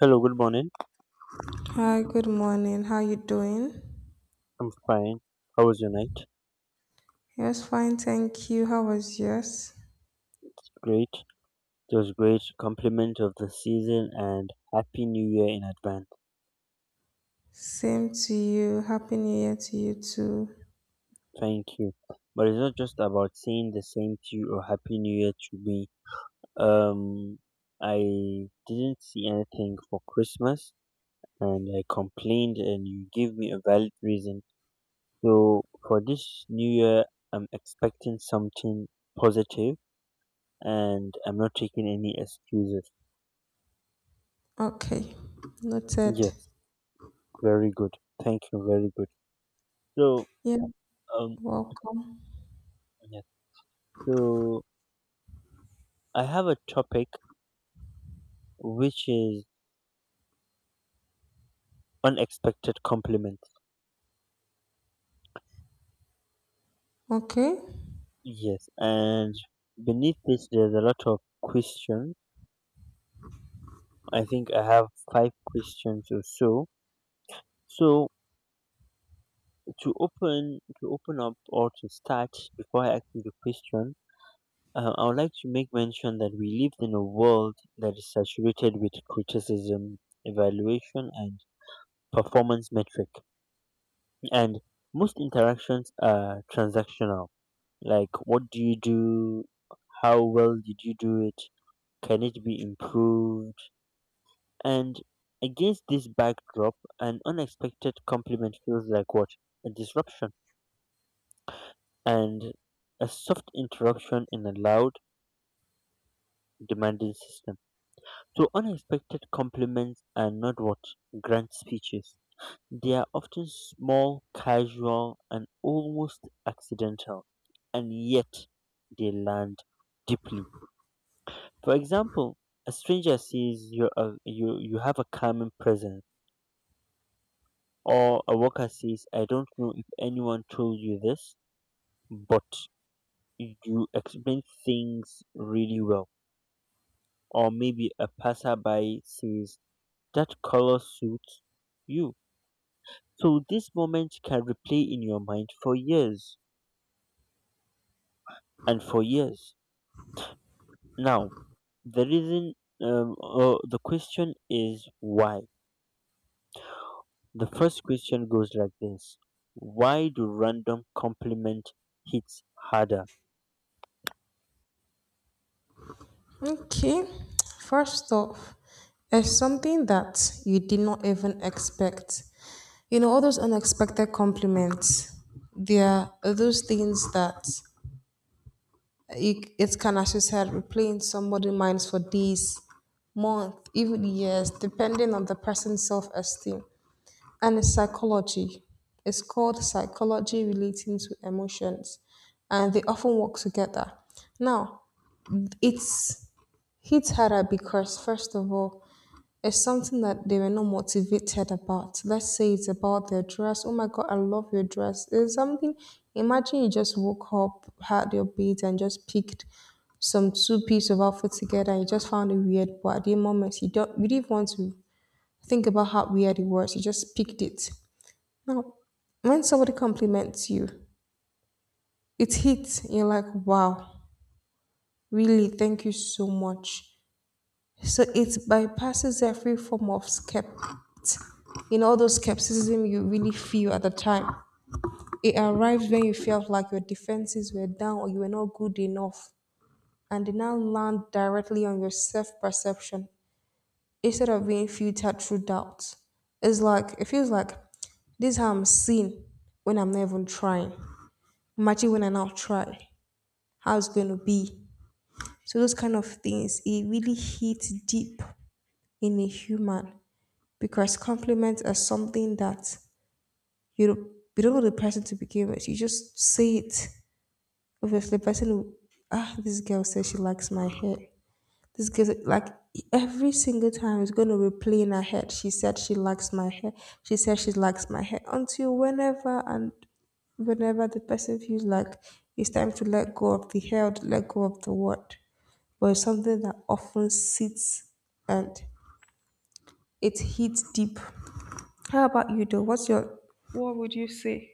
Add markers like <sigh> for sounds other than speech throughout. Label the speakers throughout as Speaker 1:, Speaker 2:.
Speaker 1: Hello, good morning.
Speaker 2: Hi, good morning. How you doing?
Speaker 1: I'm fine. How was your night?
Speaker 2: Yes, fine, thank you. How was yours?
Speaker 1: Great. It was great. Compliment of the season and Happy New Year in advance.
Speaker 2: Same to you. Happy New Year to you too.
Speaker 1: Thank you. But it's not just about saying the same to you or Happy New Year to me. Um, I didn't see anything for Christmas and I complained and you gave me a valid reason. So for this New Year, I'm expecting something positive and I'm not taking any excuses.
Speaker 2: Okay, noted.
Speaker 1: Yes. Very good. Thank you. Very good. So,
Speaker 2: Yeah,
Speaker 1: um,
Speaker 2: welcome.
Speaker 1: yeah. So I have a topic which is unexpected compliments.
Speaker 2: Okay,
Speaker 1: Yes, and beneath this, there's a lot of questions. I think I have five questions or so. So to open up or to start before I ask you the question, I would like to make mention that we live in a world that is saturated with criticism, evaluation, and performance metric. And most interactions are transactional. Like, what do you do? How well did you do it? Can it be improved? And against this backdrop, an unexpected compliment feels like what? A disruption. And a soft interruption in a loud, demanding system. So, unexpected compliments are not what? Grand speeches. They are often small, casual, and almost accidental, and yet they land deeply. For example, a stranger says you are, you have a calming presence, or a worker says, "I don't know if anyone told you this, but you explain things really well." Or maybe a passerby says, "That color suits you." So this moment can replay in your mind for years and for years. Now, the reason, or the question is why. The first question goes like this: why do random compliment hits harder?
Speaker 2: okay. First off, it's something that you did not even expect. You know, all those unexpected compliments, they are those things that it can, as you said, replay in somebody's minds for days, months, even years, depending on the person's self esteem and its psychology. It's called psychology relating to emotions, and they often work together. Now, it's hit harder because, first of all, it's something that they were not motivated about. Let's say it's about their dress. Oh my God, I love your dress. It's something, imagine you just woke up, had your beads, and just picked some two piece of outfit together and you just found it weird. But at the moment, you didn't want to think about how weird it was. You just picked it. Now, when somebody compliments you, it hits. You're like, wow, really, thank you so much. So it bypasses every form of skept, you know, all those skepticism you really feel at the time. It arrives when you felt like your defenses were down or you were not good enough, and it now lands directly on your self perception instead of being filtered through doubt. It's like, it feels like this is how I'm seen when I'm not even trying. Imagine when I now try, how it's going to be. So, those kind of things, it really hits deep in a human because compliments are something that you don't, you don't want the person to begin with. You just say it. Obviously, the person will, ah, this girl says she likes my hair. This girl, like every single time, is going to replay in her head. She said she likes my hair. She said she likes my hair until whenever and whenever the person feels like it's time to let go of the hair, or to let go of the word, but it's something that often sits and it hits deep. How about you though? What's your— what would you say?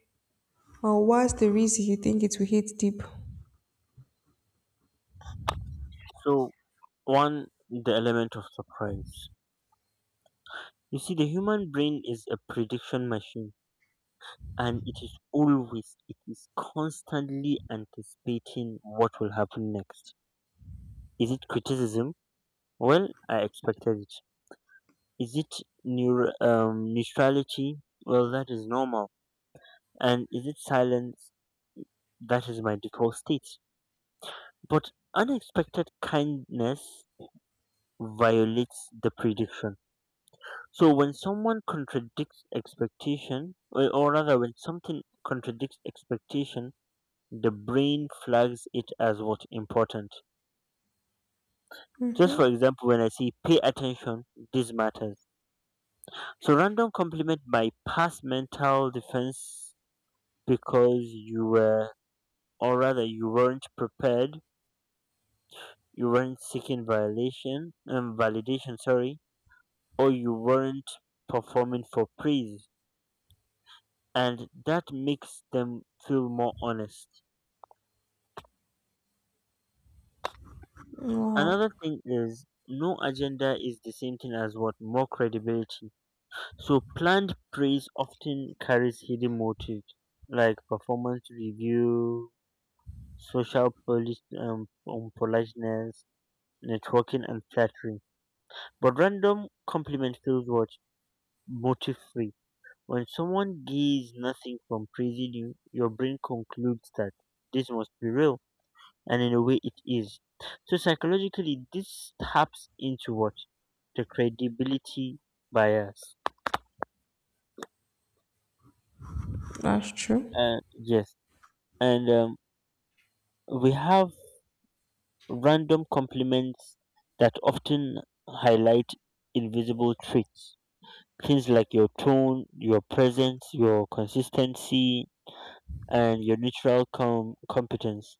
Speaker 2: Or what's the reason you think it will hit deep?
Speaker 1: So, one, the element of surprise. You see, the human brain is a prediction machine, and it is constantly anticipating what will happen next. Is it criticism? Well, I expected it. Is it neutrality? Well, that is normal, and is it silence that is my default state? But unexpected kindness violates the prediction. So when someone contradicts expectation, or rather when something contradicts expectation, the brain flags it as what important. Just
Speaker 2: Mm-hmm.
Speaker 1: for example, when I see, pay attention, this matters. So random compliment my past mental defense, because you were, or rather you weren't prepared, you weren't seeking violation, validation, sorry, or you weren't performing for praise, and that makes them feel more honest.
Speaker 2: Wow,
Speaker 1: Another thing is, no agenda is the same thing as what? More credibility. So planned praise often carries hidden motives, like performance review, social politeness, networking and flattery. But random compliment feels what? Motive free. When someone gives nothing from praising you, your brain concludes that this must be real, and in a way it is. So psychologically, this taps into what? The credibility bias.
Speaker 2: that's true.
Speaker 1: Yes. And we have random compliments that often highlight invisible traits. Things like your tone, your presence, your consistency, and your neutral competence.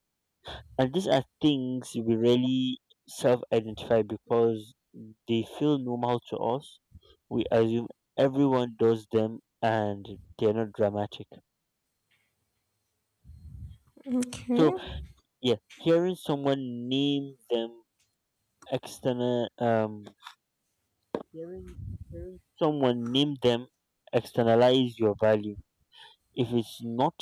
Speaker 1: And these are things we really self identify because they feel normal to us. We assume everyone does them, and they're not dramatic. So,
Speaker 2: Okay.
Speaker 1: yeah, hearing someone name them external, um, hearing, hearing someone name them externalize your value. If it's not,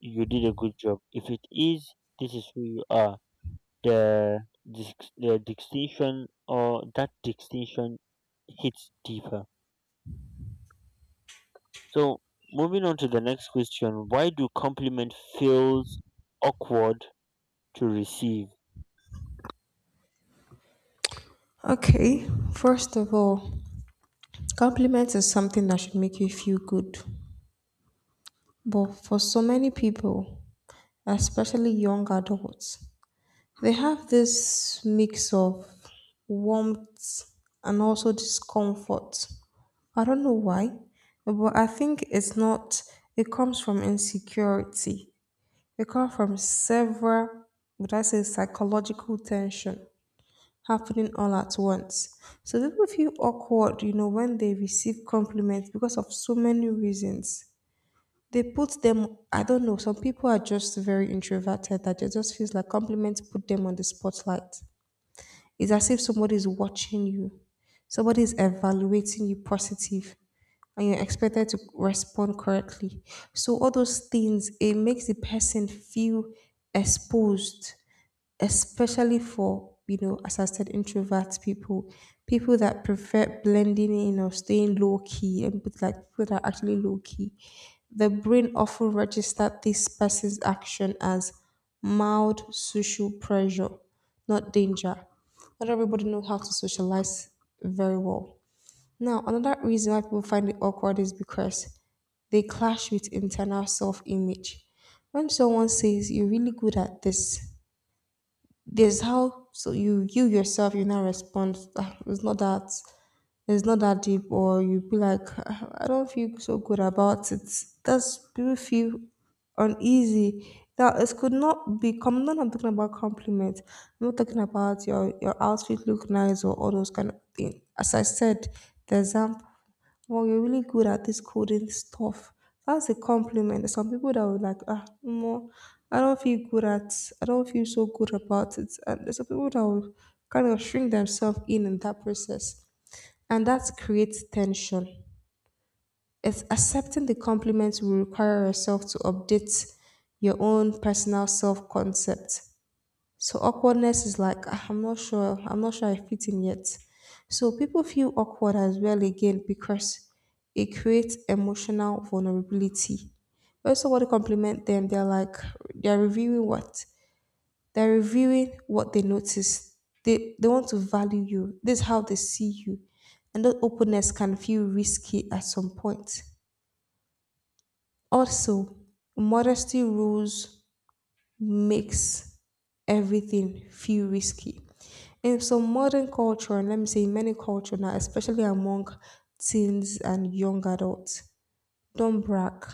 Speaker 1: you did a good job. If it is, this is who you are. The the distinction, or that distinction, hits deeper. So, moving on to the next question: why do compliment feels awkward to receive?
Speaker 2: Okay. First of all, compliments is something that should make you feel good. But for so many people, especially young adults, they have this mix of warmth and also discomfort. I don't know why, but I think it's not, it comes from insecurity. It comes from several, would I say, psychological tension happening all at once. So people feel awkward, you know, when they receive compliments because of so many reasons. They put them, I don't know, some people are just very introverted that it just feels like compliments put them on the spotlight. It's as if somebody is watching you, somebody is evaluating you positive, and you're expected to respond correctly. So all those things, it makes the person feel exposed, especially for, you know, as I said, introvert people, people that prefer blending in or staying low key, and but like people that are actually low key, the brain often registers this person's action as mild social pressure, not danger. Not everybody knows how to socialize very well. Now another reason why people find it awkward is because they clash with internal self-image. When someone says you're really good at this, there's how. So you yourself you now respond, "Ah, it's not that deep," or you be like, "Ah, I don't feel so good about it." That's people feel uneasy. Now it could not be come not, I'm talking about compliments. I'm not talking about your outfit look nice or all those kind of things. As I said, the example, "Well, you're really good at this coding stuff," that's a compliment. There's some people that would like, "Ah, no, i don't feel good at I don't feel so good about it," and there's some people that will kind of shrink themselves in that process, and that creates tension. It's accepting the compliments will require yourself to update your own personal self concept. So awkwardness is like, "Ah, I'm not sure I fit in yet." So people feel awkward as well again because it creates emotional vulnerability. When somebody compliment them, they're like, they're reviewing what they're reviewing what they notice. They want to value you. This is how they see you. And that openness can feel risky at some point. Also, modesty rules makes everything feel risky. In some modern culture, and let me say in many culture now, especially among teens and young adults, don't brag.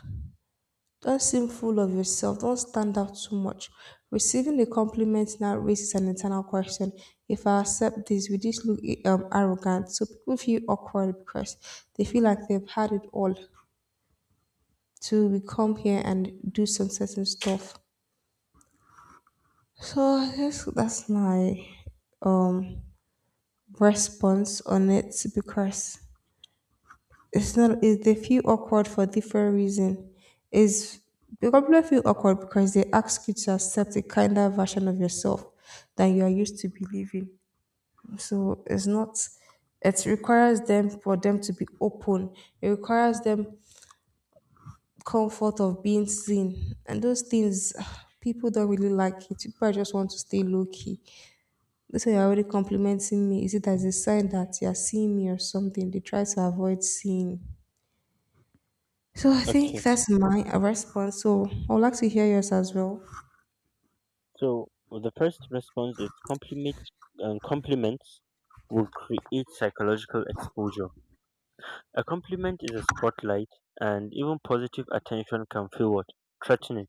Speaker 2: Don't seem full of yourself. Don't stand out too much. Receiving a compliment now raises an internal question. If I accept this, will this look arrogant? So people feel awkward because they feel like they've had it all to we come here and do some certain stuff. So I guess that's my um response on it because It's not, is they feel awkward for different reason. Is they probably feel awkward because they ask you to accept a kinder version of yourself than you are used to believing. So it's not, it requires them, for them to be open. It requires them comfort of being seen. And those things, <sighs> people don't really like it. People just want to stay low key. That's why you're already complimenting me. Is it as a sign that you're seeing me or something? They try to avoid seeing. So I think
Speaker 1: Okay,
Speaker 2: that's my response. So I would like to hear yours as well.
Speaker 1: so the first response is compliment. Compliments will create psychological exposure. A compliment is a spotlight, and even positive attention can feel what? Threatening.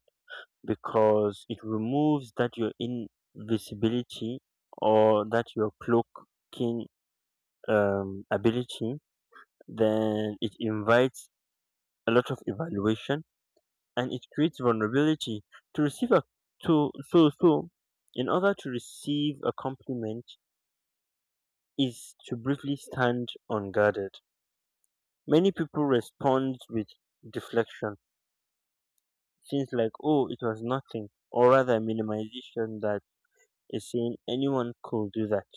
Speaker 1: Because it removes that your invisibility, or that your cloaking ability. Then it invites a lot of evaluation, and it creates vulnerability to receive a to so so. In order to receive a compliment is to briefly stand unguarded. Many people respond with deflection, things like "oh, it was nothing," or rather minimization, that is saying anyone could do that,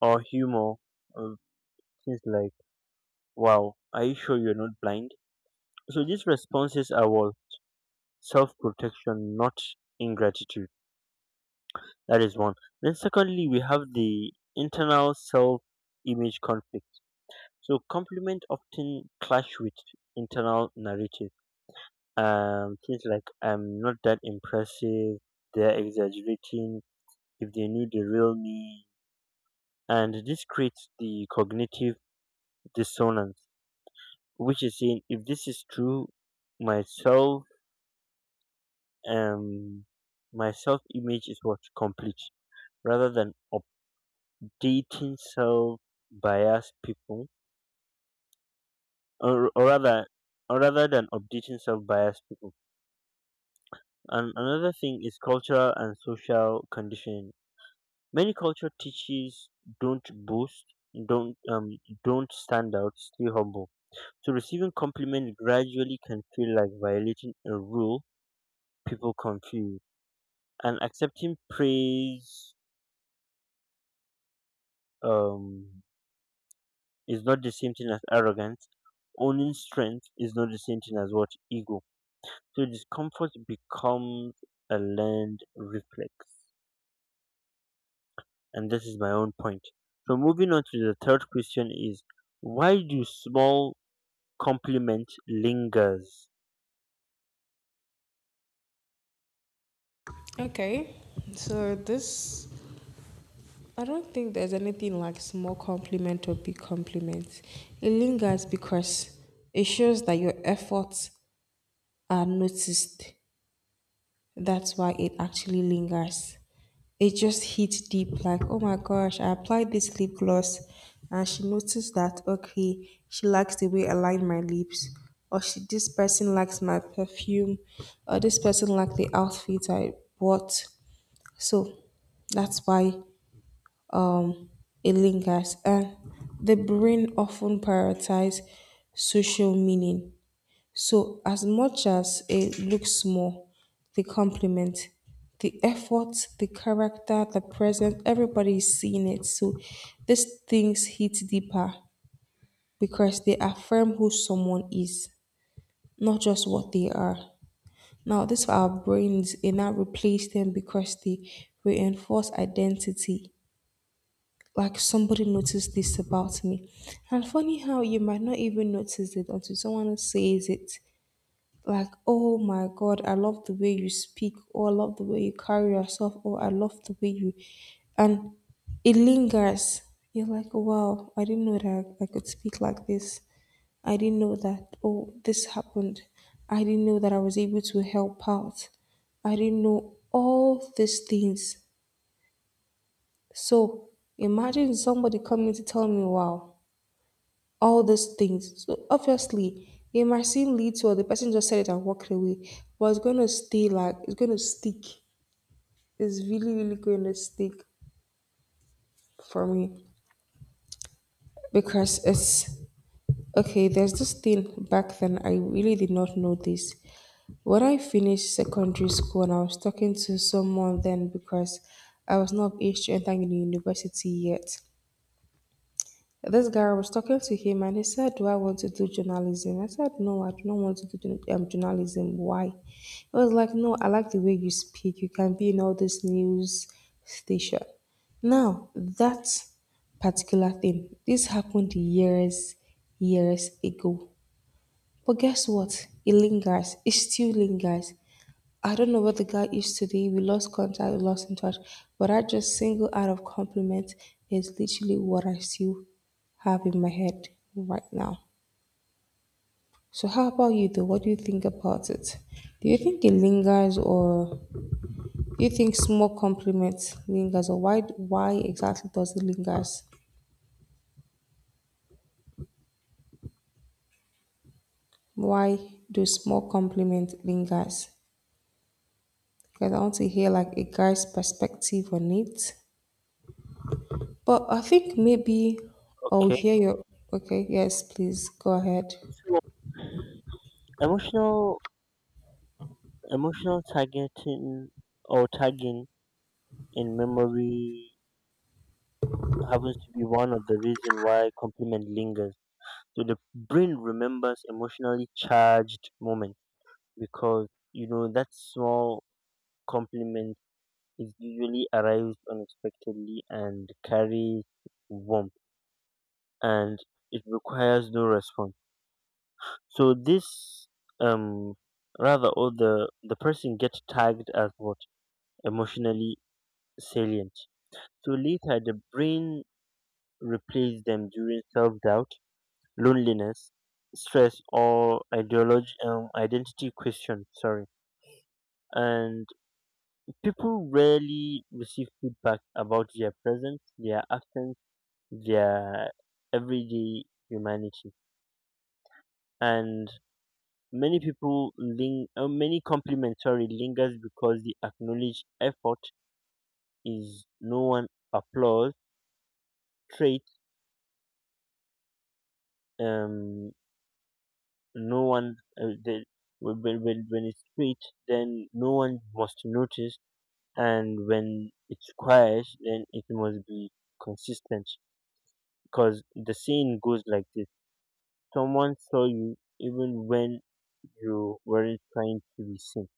Speaker 1: or humor, or things like, wow, are you sure you're not blind? So these responses are all self protection, not ingratitude. That is one. Then, secondly, we have the internal self image conflict. So, compliment often clash with internal narrative. Things like, I'm not that impressive, they're exaggerating, if they knew the real me. And this creates the cognitive dissonance, which is saying, if this is true, myself um my self image is what? Complete. Rather than updating self biased people, or, or rather or rather than updating self biased people. And another thing is cultural and social conditioning. Many culture teaches, don't boast, don't um don't stand out, stay humble. So receiving compliments gradually can feel like violating a rule. People confuse, and accepting praise um is not the same thing as arrogance. Owning strength is not the same thing as what? Ego. So discomfort becomes a learned reflex, and this is my own point. So moving on to the third question is, why do small compliment lingers?
Speaker 2: Okay, so this, I don't think there's anything like small compliment or big compliment. It lingers because it shows that your efforts are noticed. That's why it actually lingers. It just hit deep like, oh my gosh, I applied this lip gloss and she noticed that, okay, she likes the way I line my lips. Or she, this person likes my perfume. Or this person likes the outfit I bought. So that's why um, it lingers. And the brain often prioritizes social meaning, so, as much as it looks small, the compliment, the effort, the character, the presence, everybody is seeing it. So these things hit deeper because they affirm who someone is, not just what they are. Now, this for our brains, it now replace them because they reinforce identity. Like somebody noticed this about me. And funny how you might not even notice it until someone else says it. Like, oh my god, I love the way you speak. Oh, I love the way you carry yourself. Oh, I love the way you— and it lingers. You're like, wow, I didn't know that I could speak like this. I didn't know that, oh, this happened. I didn't know that I was able to help out. I didn't know all these things. So imagine somebody coming to tell me, wow, all these things. So obviously, it might seem little, the person just said it and walked away, but it's going to stay like, it's going to stick. It's really, really going to stick for me because it's okay. There's this thing back then, I really did not know this. When I finished secondary school and I was talking to someone then because I was not of age to enter university yet, this guy, I was talking to him and he said, do I want to do journalism? I said, no, I do not want to do journalism. Why? He was like, no, I like the way you speak. You can be in all this news station. Now, that particular thing, this happened years, years ago. But guess what? It lingers. It still lingers. I don't know what the guy is today. We lost contact, we lost in touch. But that just single out of compliment is literally what I still have in my head right now. So how about you though? What do you think about it? Do you think it lingers, or do you think small compliments lingers, or why exactly does it lingers? Why do small compliment lingers? Because I want to hear like a guy's perspective on it. But I think maybe I'll
Speaker 1: Okay,
Speaker 2: hear your— okay, yes, please go ahead.
Speaker 1: so emotional emotional targeting, or tagging in memory, happens to be one of the reason why compliment lingers. So the brain remembers emotionally charged moment, because you know that small compliment is usually arrives unexpectedly and carries warmth, and it requires no response. So this um rather or the person gets tagged as what? Emotionally salient. So later the brain replaces them during self doubt, loneliness, stress, or ideology, identity question. Sorry. And people rarely receive feedback about their presence, their absence, their everyday humanity, and many compliments, sorry, lingers because the acknowledged effort is no one applause trait, um no one, when, when it's straight then no one must notice, and when it's quiet then it must be consistent, because the saying goes like this: someone saw you even when you weren't trying to be seen,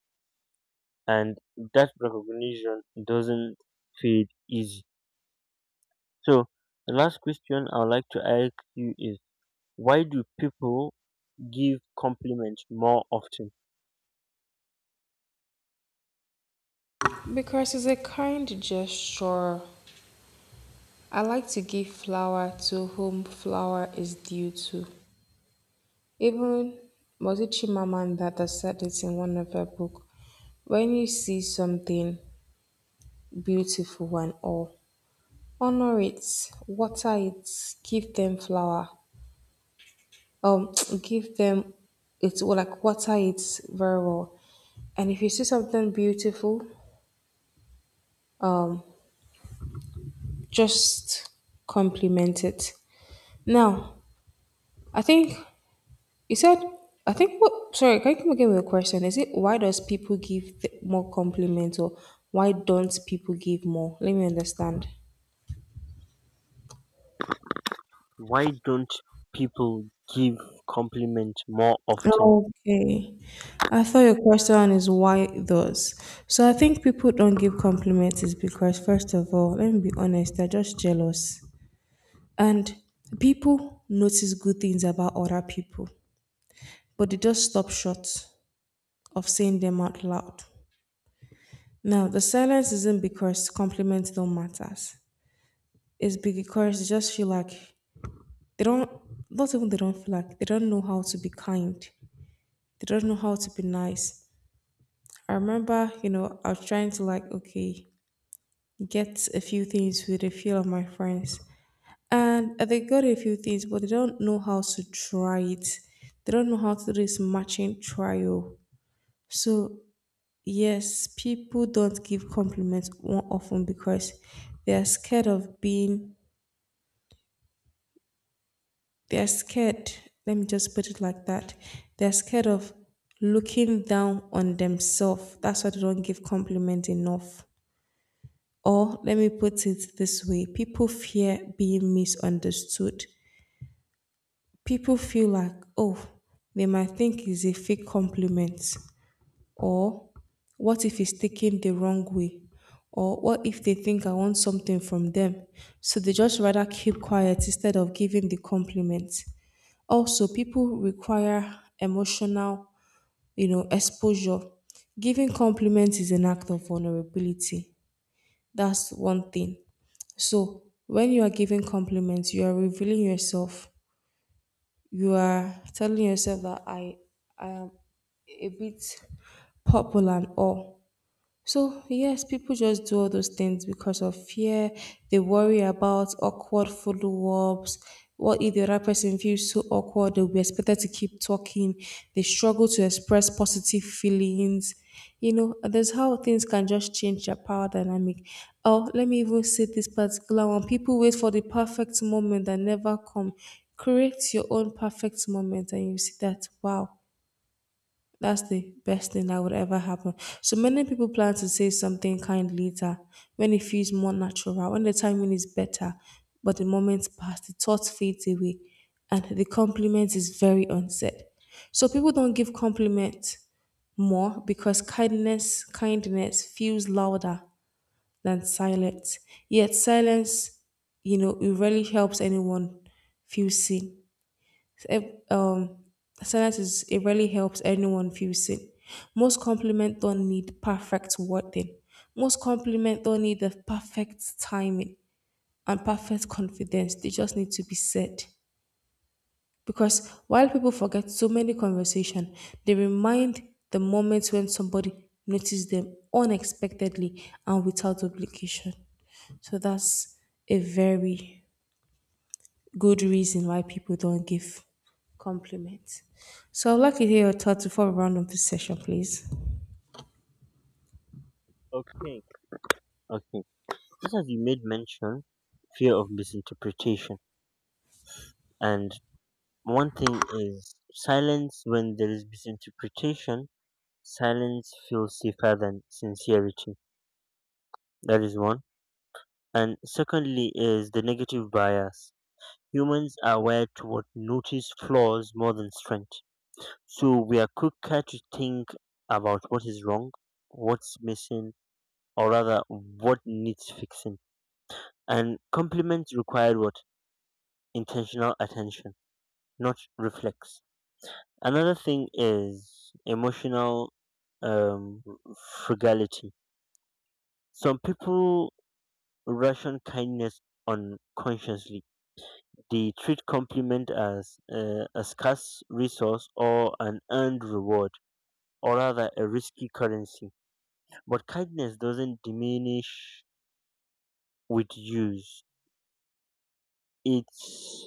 Speaker 1: and that recognition doesn't fade easy. So the last question I would like to ask you is, why do people give compliments more often?
Speaker 2: Because it's a kind gesture. I like to give flower to whom flower is due to. Even Mozichi Mamanda said it in one of her book. When you see something beautiful and all, honor it, water it, give them flower. Um, <tsk> give them, it's like water it very well. And if you see something beautiful, um, just complement it. Now, I think you said, I think what, sorry, can you come again with a question? Is it why does people give more compliments, or why don't people give more? Let me understand.
Speaker 1: Why don't people give compliments more often?
Speaker 2: Okay. I thought your question is why those. So I think people don't give compliments is because, first of all, let me be honest, they're just jealous. And people notice good things about other people, but they just stop short of saying them out loud. Now, the silence isn't because compliments don't matter. It's because they just feel like they don't — not even they don't feel like, they don't know how to be kind. They don't know how to be nice. I remember, I was trying to, like, okay, get a few things with a few of my friends. And they got a few things, but they don't know how to try it. They don't know how to do this matching trial. So yes, people don't give compliments more often because they are scared of being, they are scared, let me just put it like that. They are scared of looking down on themselves. That's why they don't give compliments enough. Or let me put it this way, people fear being misunderstood. People feel like, oh, they might think it's a fake compliment, or what if it's taken the wrong way, or what if they think I want something from them, so they just rather keep quiet instead of giving the compliment. Also, people require emotional, exposure. Giving compliments is an act of vulnerability, that's one thing. So when you are giving compliments, you are revealing yourself. You are telling yourself that I am a bit popular and all. So, yes, people just do all those things because of fear. They worry about awkward follow ups. What if the other person feels so awkward? They'll be expected to keep talking. They struggle to express positive feelings. You know, there's how things can just change their power dynamic. Oh, let me even say this particular one. People wait for the perfect moment that never come. Create your own perfect moment, and you see that, wow, that's the best thing that would ever happen. So many people plan to say something kind later, when it feels more natural, when the timing is better, but the moment passed, the thought fades away, and the compliment is very unsaid. So people don't give compliment more because kindness feels louder than silence. Yet silence, you know, it really helps anyone feel seen. So, if, um, silence is, it really helps anyone feel seen. Most compliments don't need perfect wording. Most compliments don't need the perfect timing and perfect confidence. They just need to be said. Because while people forget so many conversations, they remind the moments when somebody noticed them unexpectedly and without obligation. So that's a very good reason why people don't give compliments. So I'd like to hear your thoughts before we round up this session, please.
Speaker 1: Okay. Okay, just as you made mention, fear of misinterpretation. And one thing is, silence when there is misinterpretation, silence feels safer than sincerity. That is one. And secondly, is the negative bias. Humans are wired toward notice flaws more than strength. So we are quicker to think about what is wrong, what's missing, or rather what needs fixing. And compliments require what? Intentional attention, not reflex. Another thing is emotional um, frugality. Some people ration kindness unconsciously. They treat compliment as a scarce resource, or an earned reward, or rather a risky currency. But kindness doesn't diminish with use; it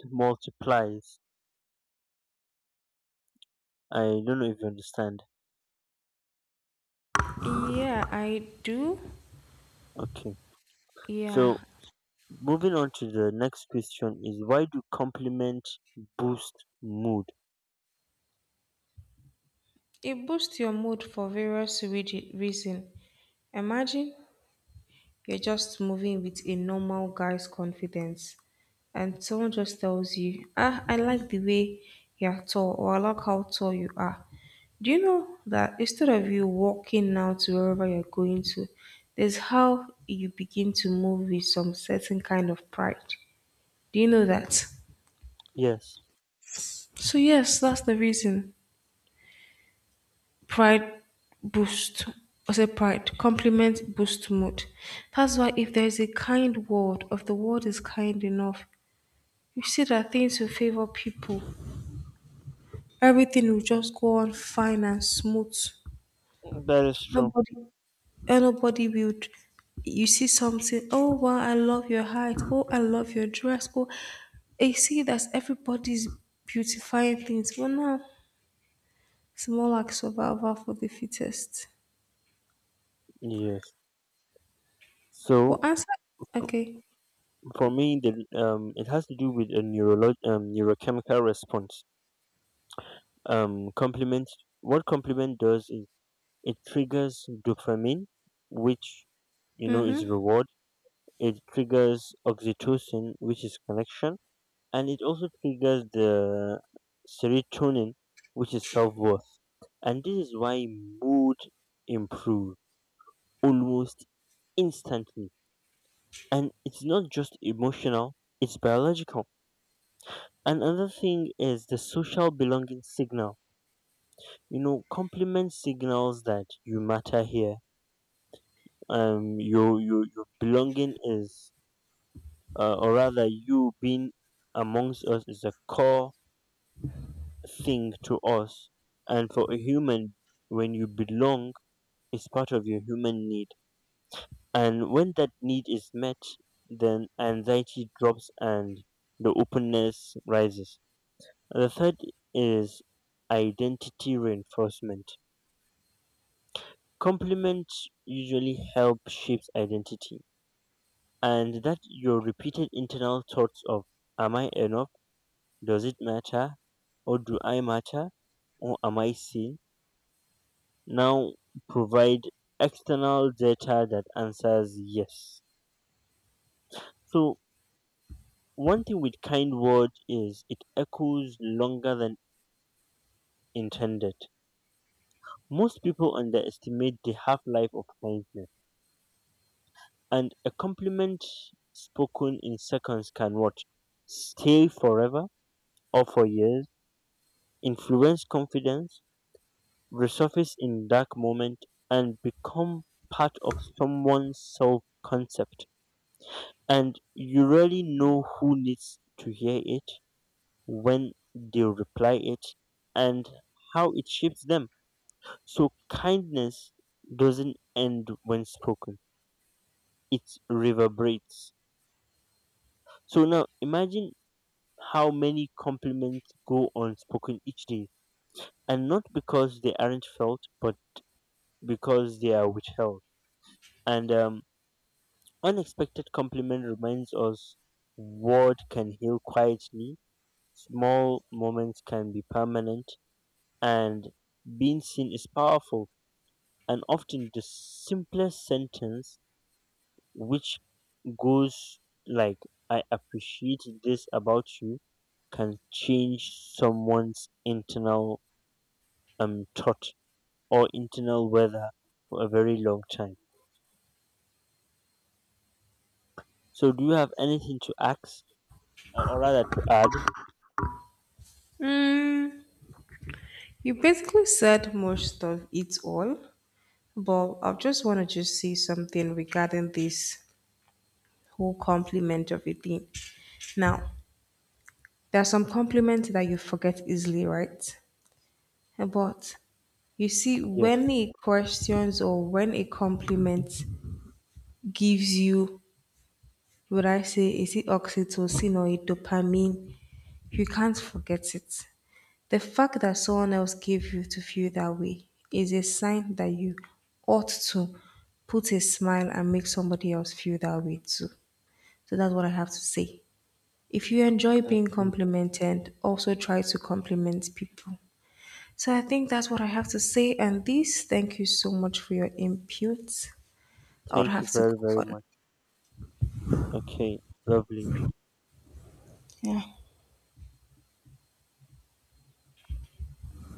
Speaker 1: multiplies. I don't know if you understand.
Speaker 2: Yeah, I do.
Speaker 1: Okay,
Speaker 2: Yeah,
Speaker 1: so moving on to the next question is, why do compliments boost mood?
Speaker 2: it boosts your mood for various reasons. Imagine, you're just moving with a normal guy's confidence. And someone just tells you, ah, I like the way you're tall, or I like how tall you are. Do you know that instead of you walking now to wherever you're going to, there's how you begin to move with some certain kind of pride. Do you know that?
Speaker 1: Yes,
Speaker 2: So yes, that's the reason. Pride boost. I say pride. Compliment boost mood. That's why if there's a kind word, if the word is kind enough, you see that things will favor people. Everything will just go on fine and smooth.
Speaker 1: that is true.
Speaker 2: Nobody, eh, nobody will. You see something. Oh wow! I love your height. Oh, I love your dress. Oh, you see that everybody's beautifying things. But now, it's more like survival for the fittest.
Speaker 1: Yes. So
Speaker 2: But answer.
Speaker 1: f-
Speaker 2: Okay.
Speaker 1: for me, the it has to do with a neurolog neurochemical response. Compliment. What compliment does is, it triggers dopamine, which you know is
Speaker 2: Mm-hmm.
Speaker 1: reward. It triggers oxytocin, which is connection, and it also triggers the serotonin, which is self worth. And this is why mood improves almost instantly. And it's not just emotional, it's biological. And another thing is the social belonging signal. You know, compliment signals that you matter here. Your belonging is, or rather, you being amongst us is a core thing to us. And for a human, when you belong, is part of your human need. And when that need is met, then anxiety drops and the openness rises. The third is identity reinforcement. Compliments usually help shapes identity, and that your repeated internal thoughts of "Am I enough? Does it matter? Or do I matter? Or am I seen?" now provide external data that answers yes. So one thing with kind word is, it echoes longer than intended. Most people underestimate the half life of kindness, and a compliment spoken in seconds can what? Stay forever, or for years, influence confidence, resurface in dark moment, and become part of someone's self concept. And you really know who needs to hear it, when they reply it, and how it shapes them. So kindness doesn't end when spoken, it reverberates. So now imagine how many compliments go unspoken each day, and not because they aren't felt, but because they are withheld. And unexpected compliment reminds us what can heal quietly. Small moments can be permanent, and being seen is powerful. And often the simplest sentence, which goes like, I appreciate this about you, can change someone's internal thought, or internal weather, for a very long time. So, do you have anything to ask, or rather to add?
Speaker 2: Mm, you basically said most of it all, but I just want to just say something regarding this whole compliment of a thing. Now, there are some compliments that you forget easily, right? But you see, when
Speaker 1: Yes.
Speaker 2: a questions or when a compliment gives you, would I say, is it oxytocin or a dopamine? You can't forget it. The fact that someone else gave you to feel that way is a sign that you ought to put a smile and make somebody else feel that way too. So that's what I have to say. If you enjoy being
Speaker 1: Okay.
Speaker 2: complimented, also try to compliment people. So I think that's what I have to say. And this, thank you so much for your input. I would
Speaker 1: Thank you
Speaker 2: have to
Speaker 1: very,
Speaker 2: go
Speaker 1: very
Speaker 2: for
Speaker 1: much. Okay, lovely.